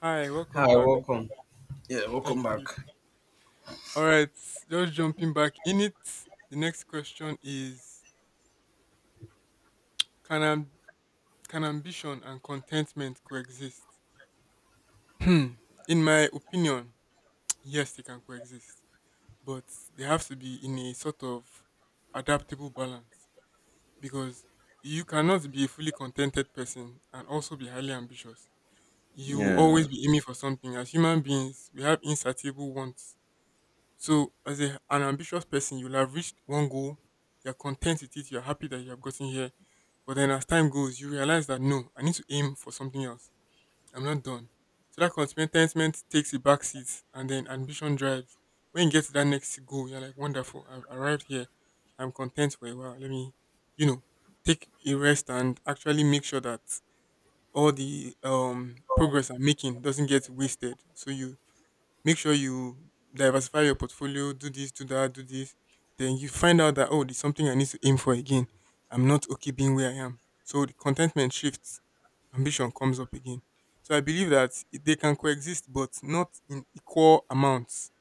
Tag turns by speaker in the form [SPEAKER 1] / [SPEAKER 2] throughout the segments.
[SPEAKER 1] Hi, welcome
[SPEAKER 2] Hi,
[SPEAKER 1] back.
[SPEAKER 2] welcome. Yeah,
[SPEAKER 1] Thank
[SPEAKER 2] welcome
[SPEAKER 1] you.
[SPEAKER 2] back.
[SPEAKER 1] All right, just jumping back in it. The next question is can am- can ambition and contentment coexist? Hmm. In my opinion, yes, they can coexist, but they have to be in a sort of adaptable balance, because you cannot be a fully contented person and also be highly ambitious. You will
[SPEAKER 2] Yeah.
[SPEAKER 1] always be aiming for something. As human beings, we have insatiable wants. So, as an ambitious person, you'll have reached one goal, you're content with it, you're happy that you have gotten here. But then, as time goes, you realize that no, I need to aim for something else. I'm not done. So, that contentment takes a back seat, and then ambition drives. When you get to that next goal, you're like, wonderful, I've arrived here. I'm content for a while. Let me, you know, take a rest and actually make sure that all the progress I'm making doesn't get wasted. So, you make sure you diversify your portfolio, do this, do that, do this. Then you find out that, oh, there's something I need to aim for again. I'm not okay being where I am. So the contentment shifts, ambition comes up again. So I believe that they can coexist, but not in equal amounts.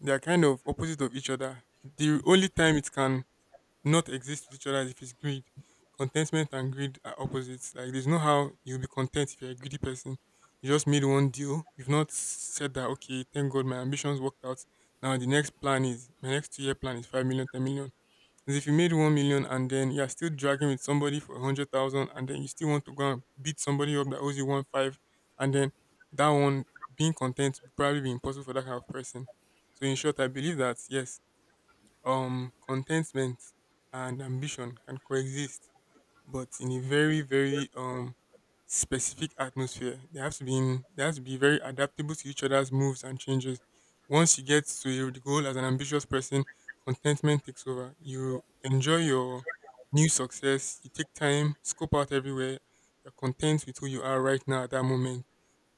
[SPEAKER 1] They are kind of opposite of each other. The only time it can not exist with each other if it's greed. Contentment and greed are opposites. Like, there's no how you'll be content if you're a greedy person. You just made one deal. You've not said that okay, thank God my ambitions worked out. Now the next plan is, my next 2-year plan is 5 million, 10 million. As if you made 1 million and then you're still dragging with somebody for 100,000, and then you still want to go and beat somebody up that owes you one five, and then that one, being content would probably be impossible for that kind of person. So in short, I believe that yes, contentment and ambition can coexist, but in a very very specific atmosphere they have to be in. They have to be very adaptable to each other's moves and changes. Once you get to the goal as an ambitious person, contentment takes over. You enjoy your new success, you take time, scope out everywhere. You're content with who you are right now at that moment.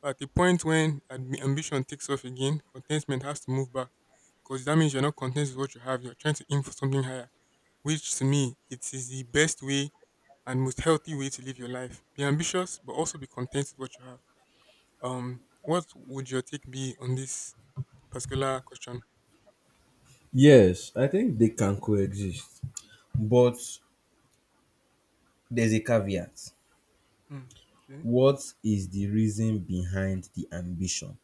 [SPEAKER 1] At the point when ambition takes off again, contentment has to move back, because that means you're not content with what you have. You're trying to aim for something higher, which to me, it is the best way and most healthy way to live your life. Be ambitious, but also be content with what you have. What would your take be on this particular question?
[SPEAKER 2] Yes, I think they can coexist, but there's a caveat.
[SPEAKER 1] Hmm. Okay.
[SPEAKER 2] What is the reason behind the ambition?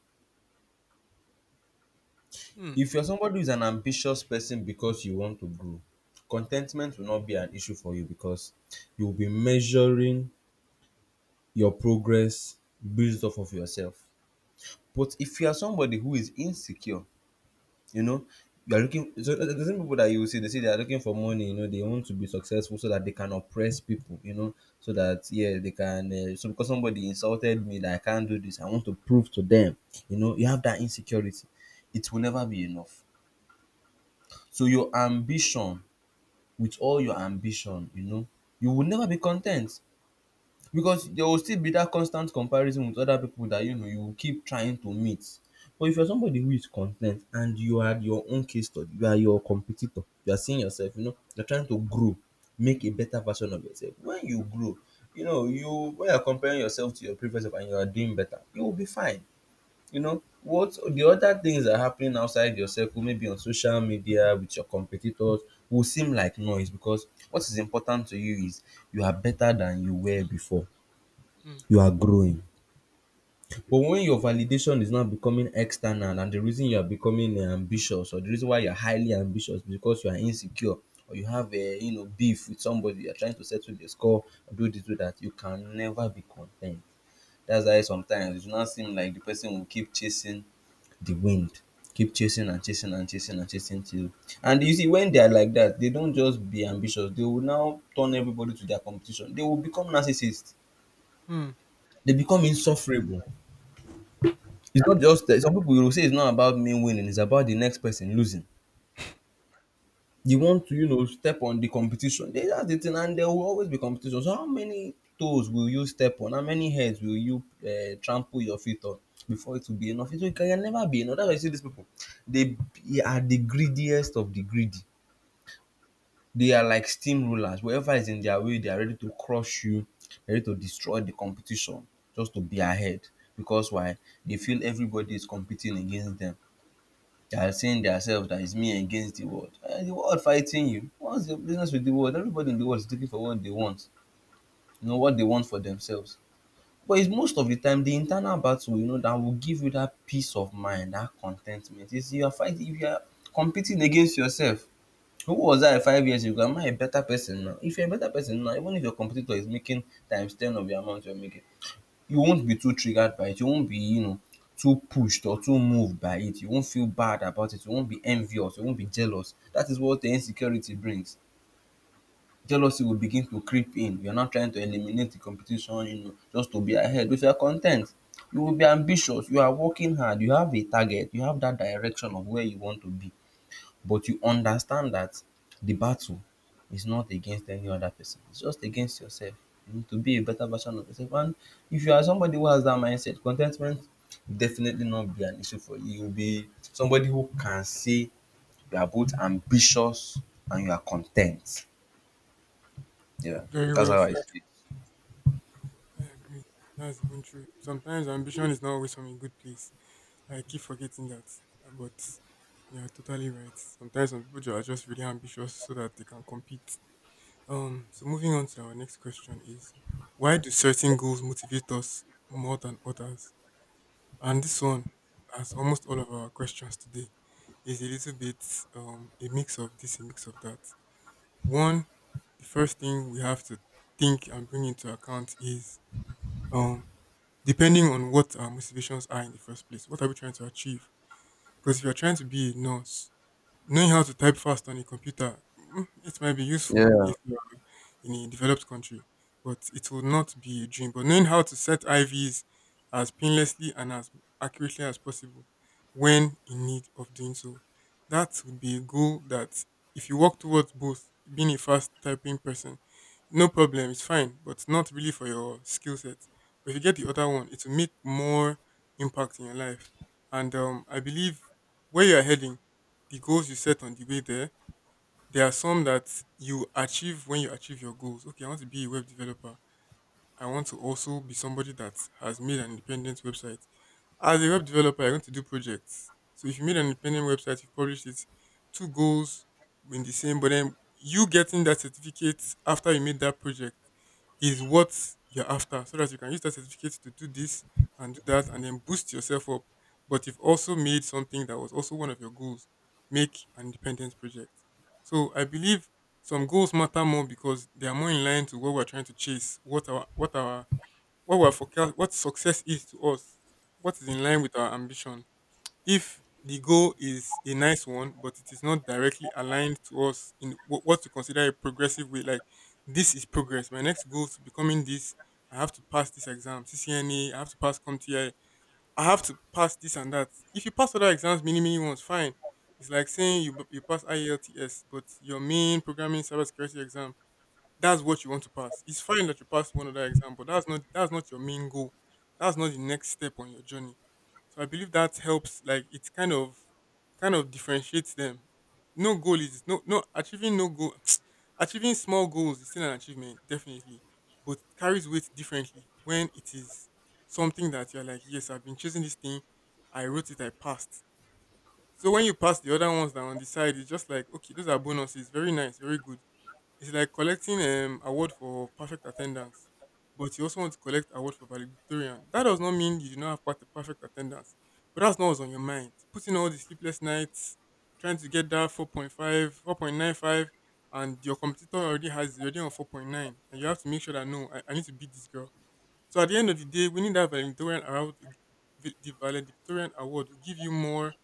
[SPEAKER 1] Hmm.
[SPEAKER 2] If you're somebody who's an ambitious person because you want to grow, contentment will not be an issue for you because you'll be measuring your progress based off of yourself. But if you are somebody who is insecure. You know, you are looking. So the same people that you will see, they say they are looking for money. They want to be successful so that they can oppress people. So that, yeah, they can. So because somebody insulted me that I can't do this, I want to prove to them. You have that insecurity. It will never be enough. So your ambition, with all your ambition, you will never be content because there will still be that constant comparison with other people that you know you will keep trying to meet. But if you're somebody who is content and you are your own case study, you are your competitor, you are seeing yourself, you're trying to grow, make a better version of yourself. When you grow, you know, you when you're comparing yourself to your previous self and you are doing better, you will be fine. What the other things that are happening outside your circle, maybe on social media with your competitors, will seem like noise because what is important to you is you are better than you
[SPEAKER 1] It's
[SPEAKER 2] were
[SPEAKER 1] not-
[SPEAKER 2] before.
[SPEAKER 1] Hmm.
[SPEAKER 2] You are growing. But when your validation is now becoming external and the reason you are becoming ambitious, or the reason why you're highly ambitious is because you are insecure, or you have a beef with somebody, you're trying to settle the score or do this, do that, you can never be content. That's why sometimes it will not seem like the person will keep chasing the wind. Keep chasing and chasing and chasing and chasing till, and you see when they are like that, they don't just be ambitious, they will now turn everybody to their competition. They will become narcissists.
[SPEAKER 1] Hmm.
[SPEAKER 2] They become
[SPEAKER 1] That's true.
[SPEAKER 2] insufferable. It's not just that. Some people will say it's not about me winning, it's about the next person losing. You want to, step on the competition. That's the thing, and there will always be competition. So how many toes will you step on? How many heads will you trample your feet on before it will be enough? So it can never be enough. That's why you see these people. They are the greediest of the greedy. They are like steamrollers. Whatever is in their way, they are ready to crush you, ready to destroy the competition just to be ahead. Because why? They feel everybody is competing against them. They are saying themselves that it's me against the world. The world fighting you. What's the business with the world? Everybody in the world is looking for what they want, what they want for themselves. But it's most of the time the internal battle, that will give you that peace of mind, that contentment. Is you are fighting, if you are competing against yourself. Who was I 5 years ago? Am I a better person now? If you're a better person now, even if your competitor is making times ten of the amount you're making, you won't be too triggered by it. You won't be, too pushed or too moved by it. You won't feel bad about it. You won't be envious. You won't be jealous. That is what the insecurity brings. Jealousy will begin to creep in. You're not trying to eliminate the competition, just to be ahead. If you're content, you will be ambitious. You are working hard. You have a target. You have that direction of where you want to be, but you understand that the battle is not against any other person. It's just against yourself. You need to be a better version of yourself. And if you are somebody who has that mindset, contentment will definitely not be an issue for you. You'll be somebody who can say you are both ambitious and you are content. Yeah,
[SPEAKER 1] Very
[SPEAKER 2] that's
[SPEAKER 1] well
[SPEAKER 2] how I see
[SPEAKER 1] said.
[SPEAKER 2] it.
[SPEAKER 1] I agree. That's even true. Sometimes ambition is not always from a good place. I keep forgetting that, but you're totally right. Sometimes some people are just really ambitious so that they can compete. So moving on to our next question is, why do certain goals motivate us more than others? And this one, as almost all of our questions today, is a little bit a mix of this, a mix of that. One, the first thing we have to think and bring into account is um depending on what our motivations are in the first place. What are we trying to achieve? Because if you're trying to be a nurse, knowing how to type fast on a computer, it might be useful
[SPEAKER 2] Yeah.
[SPEAKER 1] if in a developed country. But it will not be a dream. But knowing how to set IVs as painlessly and as accurately as possible when in need of doing so, that would be a goal that if you work towards, both being a fast typing person, no problem, it's fine, but not really for your skill set. But if you get the other one, it will make more impact in your life. And I believe where you are heading, the goals you set on the way there are some that you achieve when you achieve your goals. Okay, I want to be a web developer. I want to also be somebody that has made an independent website. As a web developer, you're going to do projects. So if you made an independent website, you published it, two goals in the same, but then you getting that certificate after you made that project is what you're after. So that you can use that certificate to do this and do that and then boost yourself up. But you've also made something that was also one of your goals, make an independent project. So I believe some goals matter more because they are more in line to what we're trying to chase, what our what we're forecast, what success is to us, what is in line with our ambition. If the goal is a nice one, but it is not directly aligned to us in what to consider a progressive way, like, this is progress. My next goal is becoming this. I have to pass this exam, CCNA. I have to pass CompTIA. I have to pass this and that. If you pass other exams, many many ones, fine. It's like saying you pass IELTS, but your main programming cybersecurity exam, that's what you want to pass. It's fine that you pass one other exam, but that's not your main goal. That's not the next step on your journey. So I believe that helps. Like, it kind of differentiates them. No goal is no achieving no goal. Achieving small goals is still an achievement, definitely, but it carries weight differently when it is something that you're like, yes, I've been chasing this thing. I wrote it. I passed. So when you pass the other ones that are on the side, it's just like, okay, those are bonuses. Very nice. Very good. It's like collecting award for perfect attendance, but you also want to collect award for valedictorian. That does not mean you do not have perfect attendance, but that's not what's on your mind. Putting all the sleepless nights, trying to get that 4.5, 4.95, and your competitor already has, you're already on 4.9, and you have to make sure that no, I need to beat this girl. So at the end of the day, winning that valedictorian award, the valedictorian award will give you more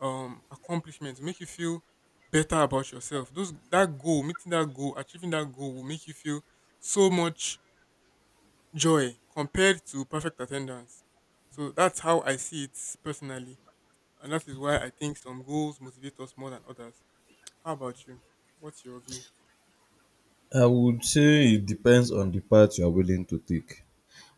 [SPEAKER 1] accomplishments, make you feel better about yourself. Those, that goal, meeting that goal, achieving that goal will make you feel so much joy compared to perfect attendance. So that's how I see it personally. And that is why I think some goals motivate us more than others. How about you? What's your view?
[SPEAKER 2] I would say it depends on the path you are willing to take.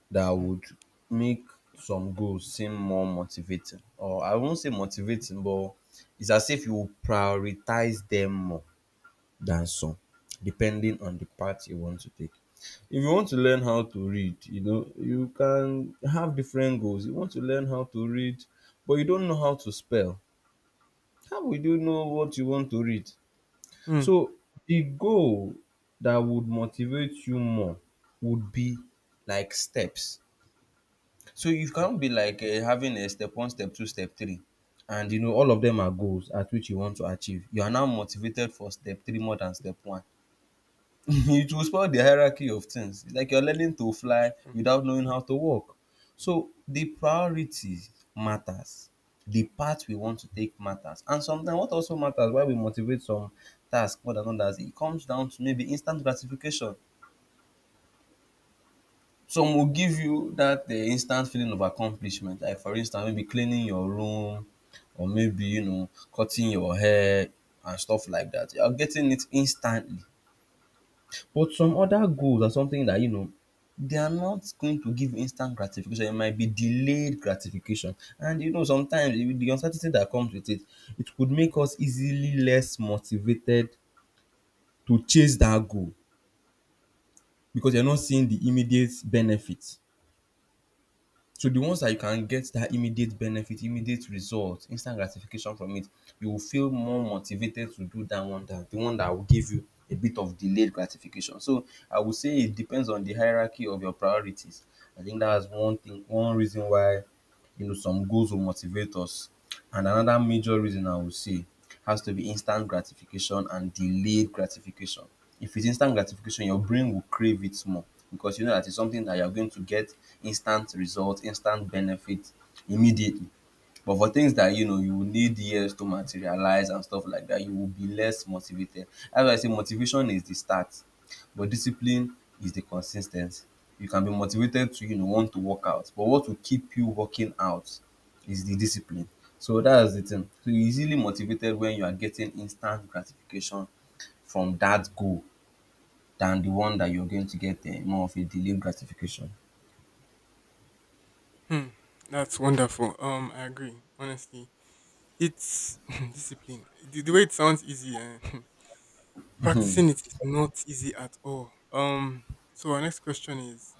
[SPEAKER 2] That
[SPEAKER 1] Hmm.
[SPEAKER 2] would make some goals seem more motivating, or I won't say motivating, but it's as if you prioritize them more than some, depending on the path you want to take. If you want to learn how to read, you can have different goals. You want to learn how to read, but you don't know how to spell. How would you know what you want to read?
[SPEAKER 1] Hmm.
[SPEAKER 2] So the goal that would motivate you more would be like steps, so you cannot be like having a step one, step two, step three, and you know all of them are goals at which you want to achieve. You are now motivated for step three more than step one. It will spoil the hierarchy of things. It's like you're learning to fly without knowing how to walk. So the priority matters. The path we want to take matters. And sometimes what also matters why we motivate some tasks more than others, it comes down to maybe instant gratification. Some will give you that instant feeling of accomplishment, like for instance maybe cleaning your room, or maybe cutting your hair and stuff like that. You are getting it instantly. But some other goals are something that they are not going to give instant gratification. It might be delayed gratification. And sometimes with the uncertainty that comes with it, it could make us easily less motivated to chase that goal because you're not seeing the immediate benefit. So the ones that you can get that immediate benefit, immediate result, instant gratification from, it, you will feel more motivated to do that one than the one that will give you a bit of delayed gratification. So I would say it depends on the hierarchy of your priorities. I think that's one thing, one reason why some goals will motivate us. And another major reason, I would say, has to be instant gratification and delayed gratification. If it's instant gratification, your brain will crave it more because you know that it's something that you're going to get instant result, instant benefit immediately. But for things that you will need years to materialize and stuff like that, you will be less motivated. As I say, motivation is the start, but discipline is the consistency. You can be motivated to want to work out, but what will keep you working out is the discipline. So that's the thing. So you're easily motivated when you are getting instant gratification from that goal than the one that you're going to get more of a delayed gratification.
[SPEAKER 1] Hmm. That's wonderful. I agree. Honestly, it's discipline. The way it sounds easy, eh? Practicing it is not easy at all. So our next question is,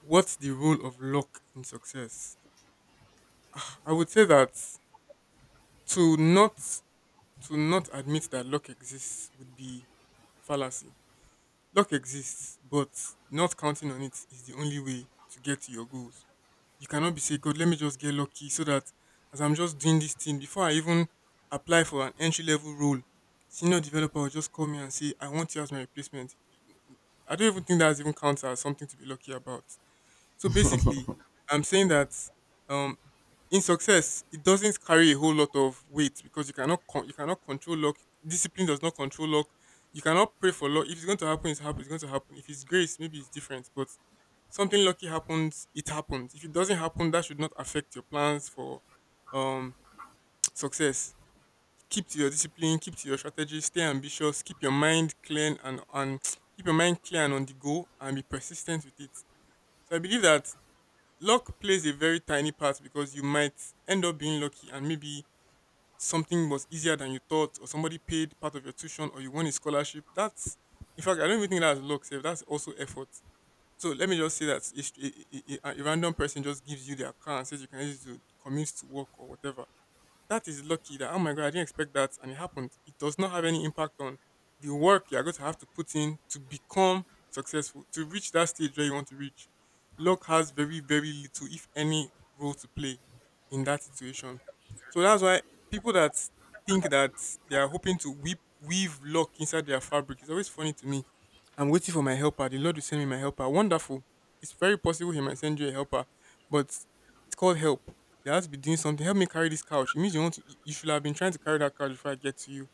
[SPEAKER 1] what's the role of luck in success? I would say that to not to not admit that luck exists would be fallacy. Luck exists, but not counting on it is the only way to get to your goals. You cannot be say, God, let me just get lucky so that as I'm just doing this thing, before I even apply for an entry level role, senior developer will just call me and say, I want you as my replacement. I don't even think that's even counts as something to be lucky about. So basically, I'm saying that, um, in success, it doesn't carry a whole lot of weight because you cannot you cannot control luck. Discipline does not control luck. You cannot pray for luck. If it's going to happen. It's going to happen. If it's grace, maybe it's different. But something lucky happens, it happens. If it doesn't happen, that should not affect your plans for um success. Keep to your discipline, keep to your strategy, stay ambitious, keep your mind clear and on keep your mind clear and on the go, and be persistent with it. So I believe that luck plays a very tiny part, because you might end up being lucky and maybe something was easier than you thought, or somebody paid part of your tuition, or you won a scholarship. That's, in fact, I don't even think that's luck, save that's also effort. So let me just say that a, str- a random person just gives you their car and says you can use it to commute to work or whatever, that is lucky that, oh my God, I didn't expect that. And it happened. It does not have any impact on the work you're going to have to put in to become successful, to reach that stage where you want to reach. Luck has very, very little, if any, role to play in that situation. So that's why people that think that they are hoping to weave luck inside their fabric is always funny to me. I'm waiting for my helper. The Lord will send me my helper. Wonderful. It's very possible He might send you a helper, but it's called help. You have to be doing something. Help me carry this couch. It means you want to, you should have been trying to carry that couch before I get to you.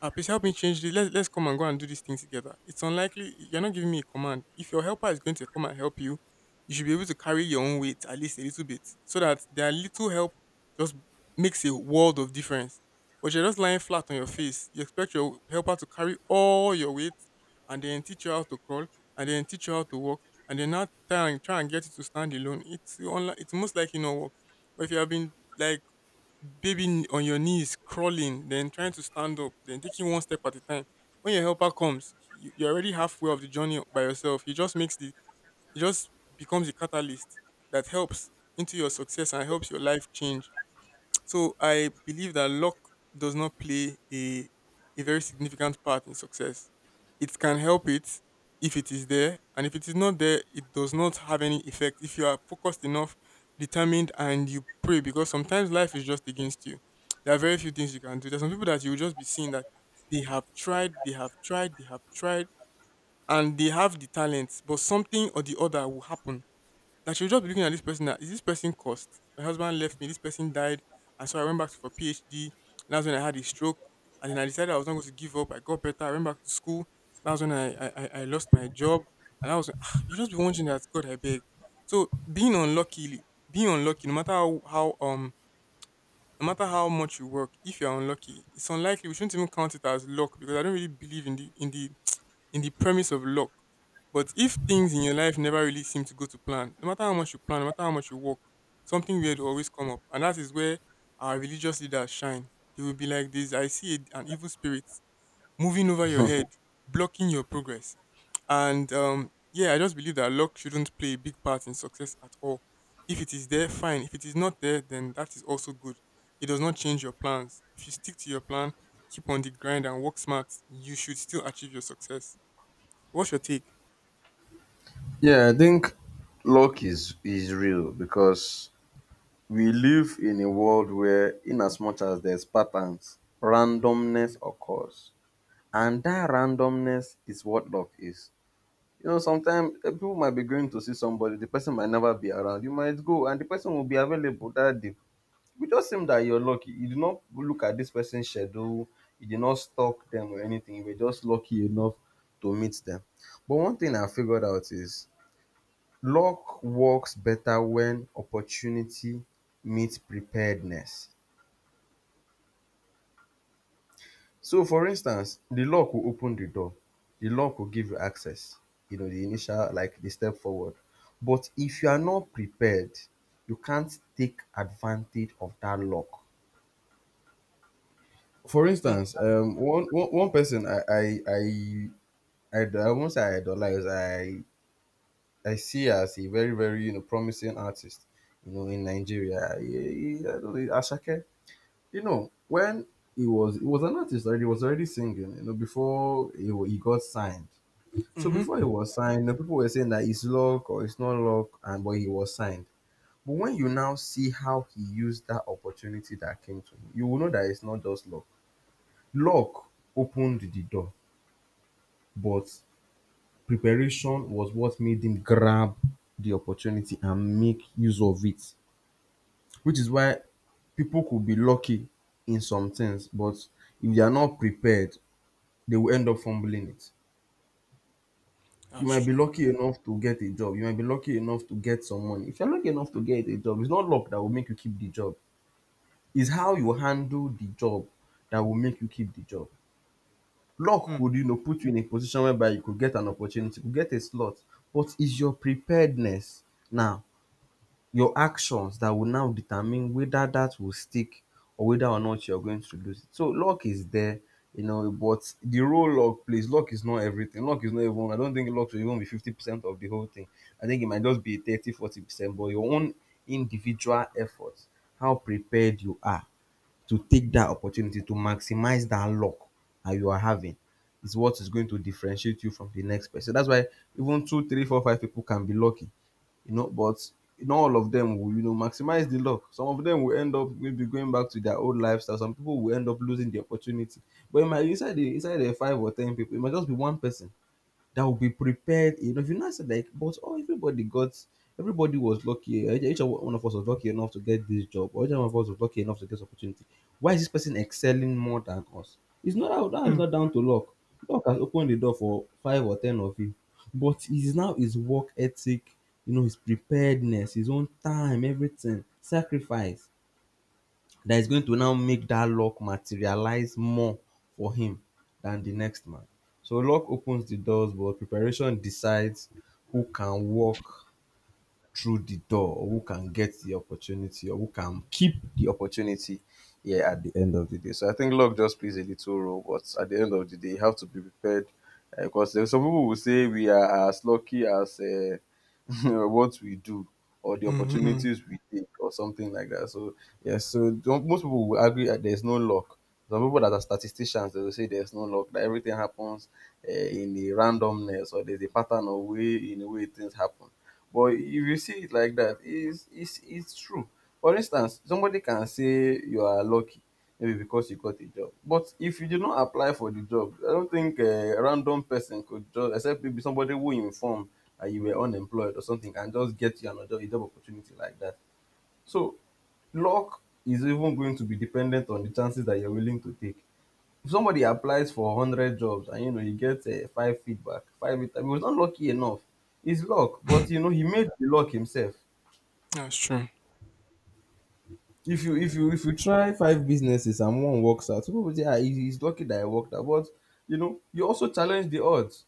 [SPEAKER 1] Ah, please help me change this. Let's come and go and do this thing together. It's unlikely you're not giving me a command. If your helper is going to come and help you, you should be able to carry your own weight at least a little bit, so that their little help just makes a world of difference. But you're just lying flat on your face. You expect your helper to carry all your weight, and then teach you how to crawl, and then teach you how to walk, and then not try and try and get you to stand alone. It's unlike it's most likely not work. But if you have been like baby on your knees crawling, then trying to stand up, then taking one step at a time. When your helper comes, you're already halfway of the journey by yourself. He just becomes a catalyst that helps into your success and helps your life change. So I believe that luck does not play a very significant part in success. It can help it if it is there, and if it is not there, it does not have any effect if you are focused enough, determined, and you pray. Because sometimes life is just against you. There are very few things you can do. There's some people that you will just be seeing that they have tried, they have tried, they have tried, and they have the talents, but something or the other will happen that she'll just be looking at this person that is this person cursed? My husband left me, this person died, and so I went back for PhD, and that's when I had a stroke. And then I decided I was not going to give up. I got better, I went back to school. That's when I lost my job. And I was like, ah, you just be wondering that God I beg. So being unlucky, no matter how no matter how much you work, if you're unlucky, it's unlikely. We shouldn't even count it as luck because I don't really believe in the in the premise of luck. But if things in your life never really seem to go to plan, no matter how much you plan, no matter how much you work, something weird will always come up, and that is where our religious leaders shine. They will be like this: I see an evil spirit moving over your head, blocking your progress. And yeah, I just believe that luck shouldn't play a big part in success at all. If it is there, fine. If it is not there, then that is also good. It does not change your plans. If you stick to your plan, keep on the grind and work smart, you should still achieve your success. What's your take?
[SPEAKER 2] Yeah, I think luck is real because we live in a world where, in as much as there's patterns, randomness occurs. And that randomness is what luck is. Sometimes, people might be going to see somebody, the person might never be around. You might go and the person will be available that day. We just seem that you're lucky. You did not look at this person's schedule, you did not stalk them or anything. You were just lucky enough to meet them. But one thing I figured out is luck works better when opportunity meets preparedness. So for instance, the lock will open the door, the lock will give you access, the initial, like the step forward. But if you are not prepared, you can't take advantage of that lock. For
[SPEAKER 1] Hmm,
[SPEAKER 2] instance,
[SPEAKER 1] that's
[SPEAKER 2] one person I won't say I idolize. I see as a very very promising artist, in Nigeria. I don't know, Asake. When he was an artist already. He was already singing. Before he got signed.
[SPEAKER 1] true.
[SPEAKER 2] So before he
[SPEAKER 1] Mm-hmm.
[SPEAKER 2] was signed, the people were saying that it's luck or it's not luck, and but he was signed. But when you now see how he used that opportunity that came to him, you will know that it's not just luck. Luck opened the door, but preparation was what made him grab the opportunity and make use of it. Which is why people could be lucky in some things, but if they are not prepared, they will end up fumbling it. You
[SPEAKER 1] That's
[SPEAKER 2] might be
[SPEAKER 1] true.
[SPEAKER 2] lucky enough to get a job. You might be lucky enough to get some money. If you're lucky enough to get a job, it's not luck that will make you keep the job. It's how you handle the job that will make you keep the job. Luck
[SPEAKER 1] Hmm.
[SPEAKER 2] could, put you in a position whereby you could get an opportunity, you could get a slot, but it's your preparedness now your actions that will now determine whether that will stick or whether or not you're going to lose it. So luck is there, but the role luck plays, luck is not everything. Luck is not even, I don't think luck should even be 50% of the whole thing. I think it might just be 30-40% but your own individual efforts, how prepared you are to take that opportunity to maximize that luck that you are having is what is going to differentiate you from the next person. That's why even two, three, four, five people can be lucky, but not all of them will, maximize the luck. Some of them will end up maybe going back to their old lifestyle. Some people will end up losing the opportunity. But it might inside the five or ten people, it might just be one person that will be prepared. If I said like, but oh, everybody was lucky. Each one of us was lucky enough to get this job, or each one of us was lucky enough to get this opportunity. Why is this person excelling more than us? It's not that that is
[SPEAKER 1] Hmm.
[SPEAKER 2] not down to luck. Luck has opened the door for five or ten of you, but it's now his work ethic, his preparedness, his own time, everything, sacrifice. That is going to now make that luck materialize more for him than the next man. So luck opens the doors, but preparation decides who can walk through the door, or who can get the opportunity, or who can keep the opportunity here at the end of the day. So I think luck just plays a little role, but at the end of the day, you have to be prepared because there's some people will say we are as lucky as what we do or the
[SPEAKER 1] Mm-hmm.
[SPEAKER 2] opportunities we take or something like that. So yes, so don't, most people will agree that there's no luck. Some people that are statisticians they will say there's no luck that everything happens in a randomness or there's a pattern of way in a way things happen. But if you see it like that, it's true. For instance, somebody can say you are lucky maybe because you got a job. But if you did not apply for the job, I don't think a random person could just, except maybe somebody who informed that you were unemployed or something, and just get you another a job opportunity like that. So luck is even going to be dependent on the chances that you're willing to take. If somebody applies for 100 jobs and you get five feedback, five, I mean, he was not lucky enough. It's luck, but he made the luck himself.
[SPEAKER 1] That's true.
[SPEAKER 2] if
[SPEAKER 1] That's
[SPEAKER 2] you
[SPEAKER 1] very
[SPEAKER 2] if you if you
[SPEAKER 1] true.
[SPEAKER 2] try five businesses and one works out, people will say, ah, he is lucky that I worked out. But you also challenge the odds,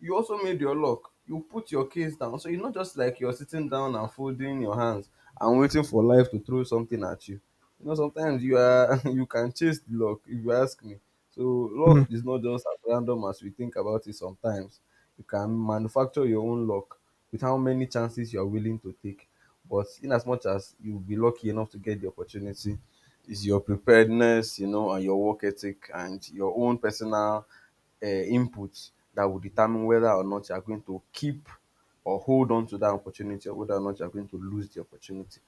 [SPEAKER 2] you also made your luck. You put your case down. So it's not just like you're sitting down and folding your hands and waiting for life to throw something at you. You know, sometimes you are you can chase the luck if you ask me. So luck is not just as random as we think about it sometimes. You can manufacture your own luck with how many chances you are willing to take. But in as much as you'll be lucky enough to get the opportunity, is your preparedness, and your work ethic and your own personal um inputs that will determine whether or not you are going to keep or hold on to that opportunity or whether or not you are going to lose the opportunity.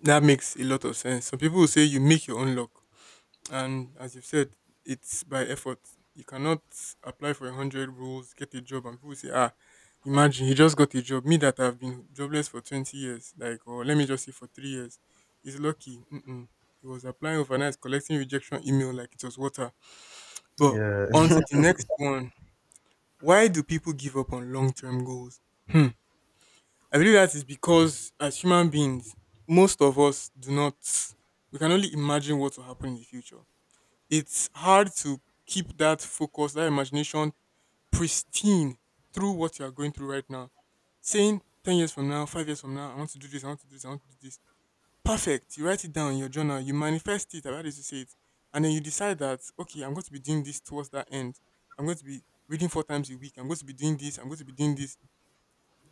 [SPEAKER 1] That makes a lot of sense. Some people will say you make your own luck. And as you've said, it's by effort. You cannot apply for 100 rules, get a job, and people say, ah, imagine he just got a job. Me that I've been jobless for 20 years, like, or let me just say for 3 years, he's lucky. Mm-mm. He was applying overnight, collecting rejection email like it was water. But
[SPEAKER 2] Yeah.
[SPEAKER 1] on to the next one. Why do people give up on long-term goals? Hmm. I believe that is because as human beings, most of us do not. We can only imagine what will happen in the future. It's hard to keep that focus, that imagination pristine through what you are going through right now. Saying 10 years from now, 5 years from now, I want to do this, I want to do this, I want to do this. Perfect. You write it down in your journal, you manifest it, about it to say it. And then you decide that, okay, I'm going to be doing this towards that end. I'm going to be reading 4 times a week. I'm going to be doing this. I'm going to be doing this.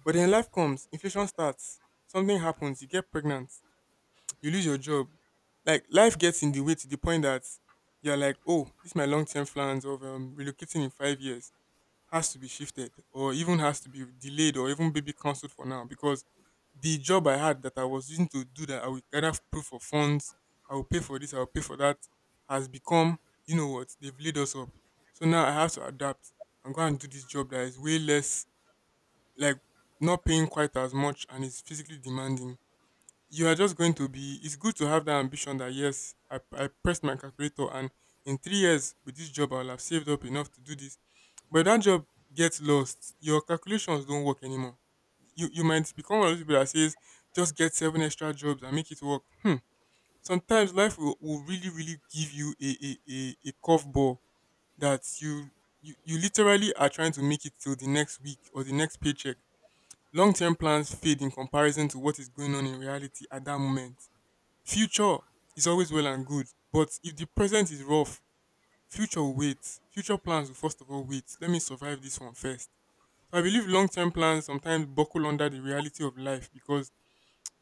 [SPEAKER 1] But then life comes, inflation starts, something happens, you get pregnant, you lose your job. Like life gets in the way to the point that you're like, oh, this my long term plans of relocating in 5 years has to be shifted or even has to be delayed or even maybe cancelled for now because the job I had that I was using to do that I will gather proof of funds, I will pay for this, I will pay for that has become, you know what, they've laid us up. So now I have to adapt and go and do this job that is way less, like, not paying quite as much and is physically demanding. You are just going to be, it's good to have that ambition that yes, I pressed my calculator and in 3 years with this job I'll have saved up enough to do this. But if that job gets lost, your calculations don't work anymore. You might become one of those people that says just get seven extra jobs and make it work. Hmm. Sometimes life will really really give you a curveball that you literally are trying to make it till the next week or the next paycheck. Long-term plans fade in comparison to what is going on in reality at that moment. Future is always well and good, but if the present is rough, future will wait. Future plans will first of all wait. Let me survive this one first. So I believe long term plans sometimes buckle under the reality of life because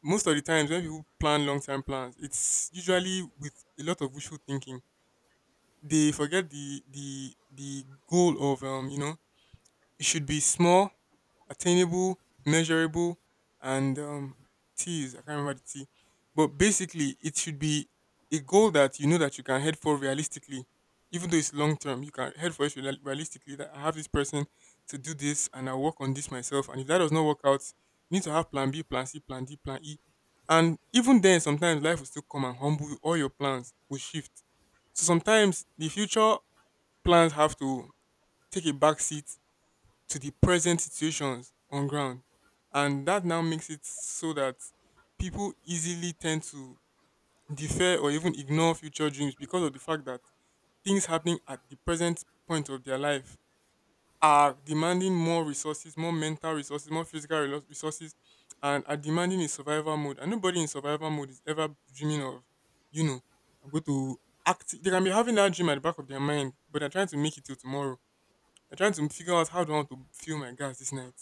[SPEAKER 1] most of the times when people plan long term plans, it's usually with a lot of wishful thinking. They forget the goal of it should be small, attainable, measurable, and T is I can't remember the T, but basically it should be a goal that you know that you can head for realistically, even though it's long term. You can head for it realistically. That I have this person to do this, and I work on this myself. And if that does not work out, you need to have Plan B, Plan C, Plan D, Plan E. And even then, sometimes life will still come and humble you. All your plans will shift. So sometimes the future plans have to take a back seat to the present situations on ground. And that now makes it so that people easily tend to defer or even ignore future dreams because of the fact that things happening at the present point of their life are demanding more resources, more mental resources, more resources, and are demanding a survival mode. And nobody in survival mode is ever dreaming of, you know, I'm going to act. They can be having that dream at the back of their mind, but they're trying to make it till tomorrow. They're trying to figure out how do I want to fill my gas this night.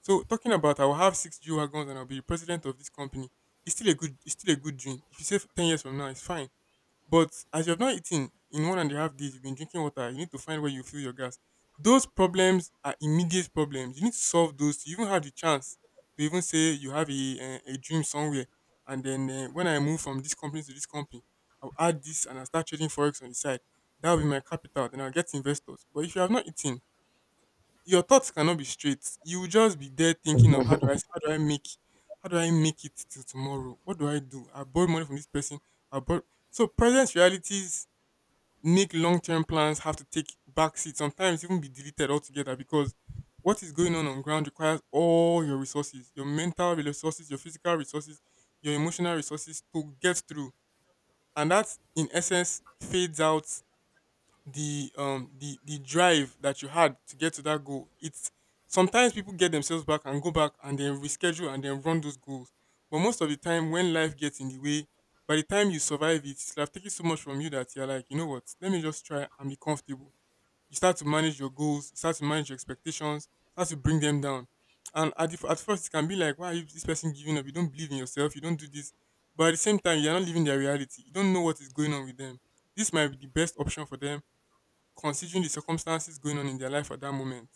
[SPEAKER 1] So talking about I will have 6 G wagons and I'll be the president of this company. It's still a good dream. If you say 10 years from now, it's fine. But as you have not eaten in 1.5 days, you've been drinking water. You need to find where you fill your gas. Those problems are immediate problems. You need to solve those to even have the chance to even say you have a, a dream somewhere. And then when I move from this company to this company, I'll add this and I'll start trading forex on the side. That will be my capital. Then I'll get investors. But if you have not eaten, your thoughts cannot be straight. You will just be there thinking of how do I make it till tomorrow? What do? I borrow money from this person. I borrow So present realities make long term plans have to take back seat. Sometimes even be deleted altogether because what is going on ground requires all your resources, your mental resources, your physical resources, your emotional resources to get through, and that in essence fades out the drive that you had to get to that goal. It's sometimes people get themselves back and go back and then reschedule and then run those goals. But most of the time when life gets in the way, by the time you survive it, it's like taking so much from you that you're like, you know what, let me just try and be comfortable. You start to manage your goals, you start to manage your expectations, start to bring them down. And at first it can be like, why are you this person giving up? You don't believe in yourself, you don't do this. But at the same time, you're not living their reality, you don't know what is going on with them. This might be the best option for them considering the circumstances going on in their life at that moment.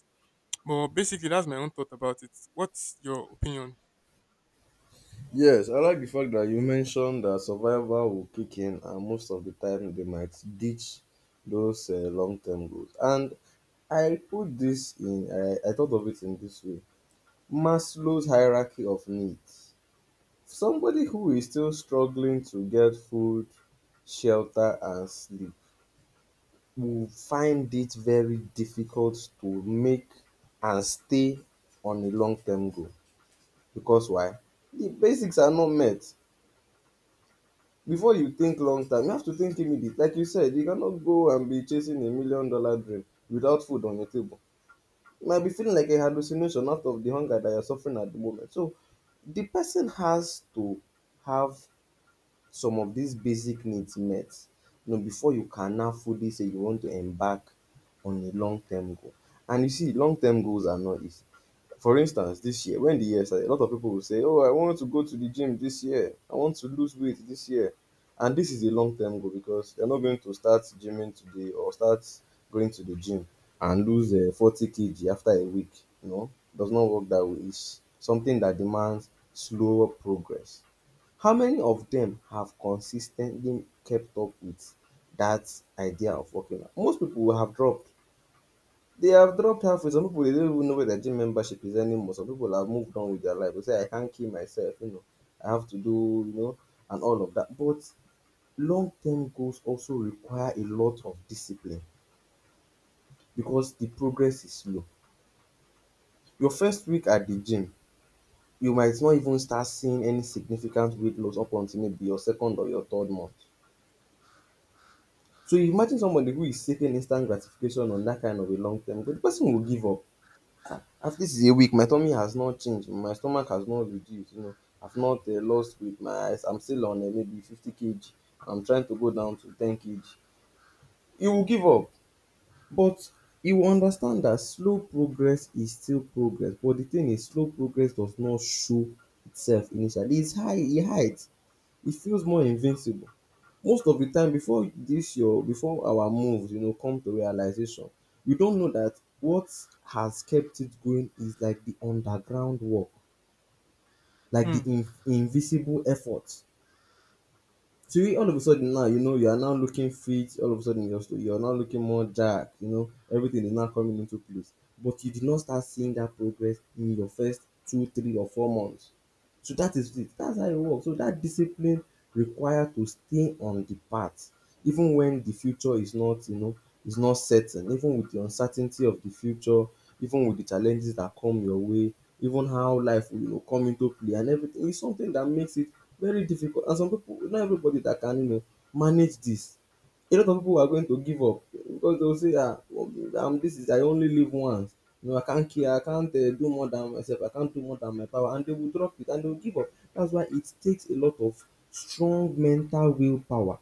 [SPEAKER 1] But basically, that's my own thought about it. What's your opinion?
[SPEAKER 2] Yes, I like the fact that you mentioned that survival will kick in, and most of the time they might ditch those long-term goals. And I put this in, I thought of it in this way: Maslow's hierarchy of needs. Somebody who is still struggling to get food, shelter, and sleep who find it very difficult to make and stay on a long term goal. Because why? The basics are not met. Before you think long term, you have to think immediate. Like you said, you cannot go and be chasing $1 million dream without food on your table. You might be feeling like a hallucination out of the hunger that you're suffering at the moment. So the person has to have some of these basic needs met, before you can now fully say you want to embark on a long-term goal. And you see, long-term goals are not easy. For instance, this year, when the year started, a lot of people will say, "Oh, I want to go to the gym this year. I want to lose weight this year." And this is a long-term goal because you're not going to start gymming today or start going to the gym and lose 40 kg after a week. You know, does not work that way. It's something that demands slower progress. How many of dem have consistently kept up with that idea of working out? Most people will have dropped. They have dropped halfway. Some people, they don't even know where their gym membership is anymore. Some people have moved on with their life. They say, I can't kill myself, I have to do, and all of that. But long-term goals also require a lot of discipline because the progress is slow. Your first week at the gym, you might not even start seeing any significant weight loss up until maybe your second or your third month. So imagine somebody who is seeking instant gratification on dat kind of a long term goal, de person go give up. After this is a week, my tummy has not change, my stomach has not reduced, I've not lost weight, my eyes, I'm still on maybe 50 kg, I'm trying to go down to 10 kg. You will give up, but you will understand dat slow progress is still progress, but de thing is slow progress does not show itself initially, e is high e hides, e feels more invincible. Most of the time before this your before our moves, come to realization, we don't know that what has kept it going is like the underground work, like the
[SPEAKER 1] Hmm.
[SPEAKER 2] invisible effort. To you all of a sudden now, you are now looking fit, all of a sudden you're, you're now looking more dark, everything is now coming into place. But you did not start seeing that progress in your first 2, 3, or 4 months. So that is it. That's how it works. So that discipline required to stay on the path, even when the future is not, is not certain, even with the uncertainty of the future, even with the challenges that come your way, even how life will, come into play and everything. It's something that makes it very difficult and some people not everybody that can, manage this, a lot of people are going to give up because they will say, ah well, this is I only live once, I can't care, I can't, do more than myself, I can't do more than my power, and they will drop it and they will give up. That's why it takes a lot of strong mental willpower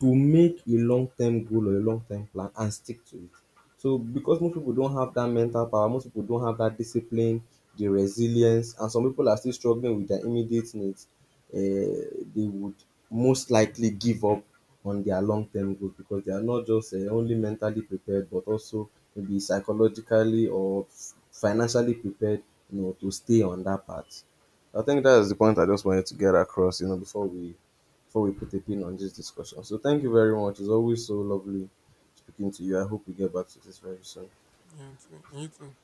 [SPEAKER 2] to make a long-term goal or a long-term plan and stick to it. So because most people don't have that mental power, most people don't have that discipline, the resilience, and some people are still struggling with their immediate needs, they would most likely give up on their long-term goals because they are not just only mentally prepared but also maybe psychologically or financially prepared, to stay on that path. I think that is the point I just wanted to get across, before we put a pin on this discussion. So thank you very much. It's always so lovely speaking to you. I hope we get back to this very soon.
[SPEAKER 1] Yeah, and you too.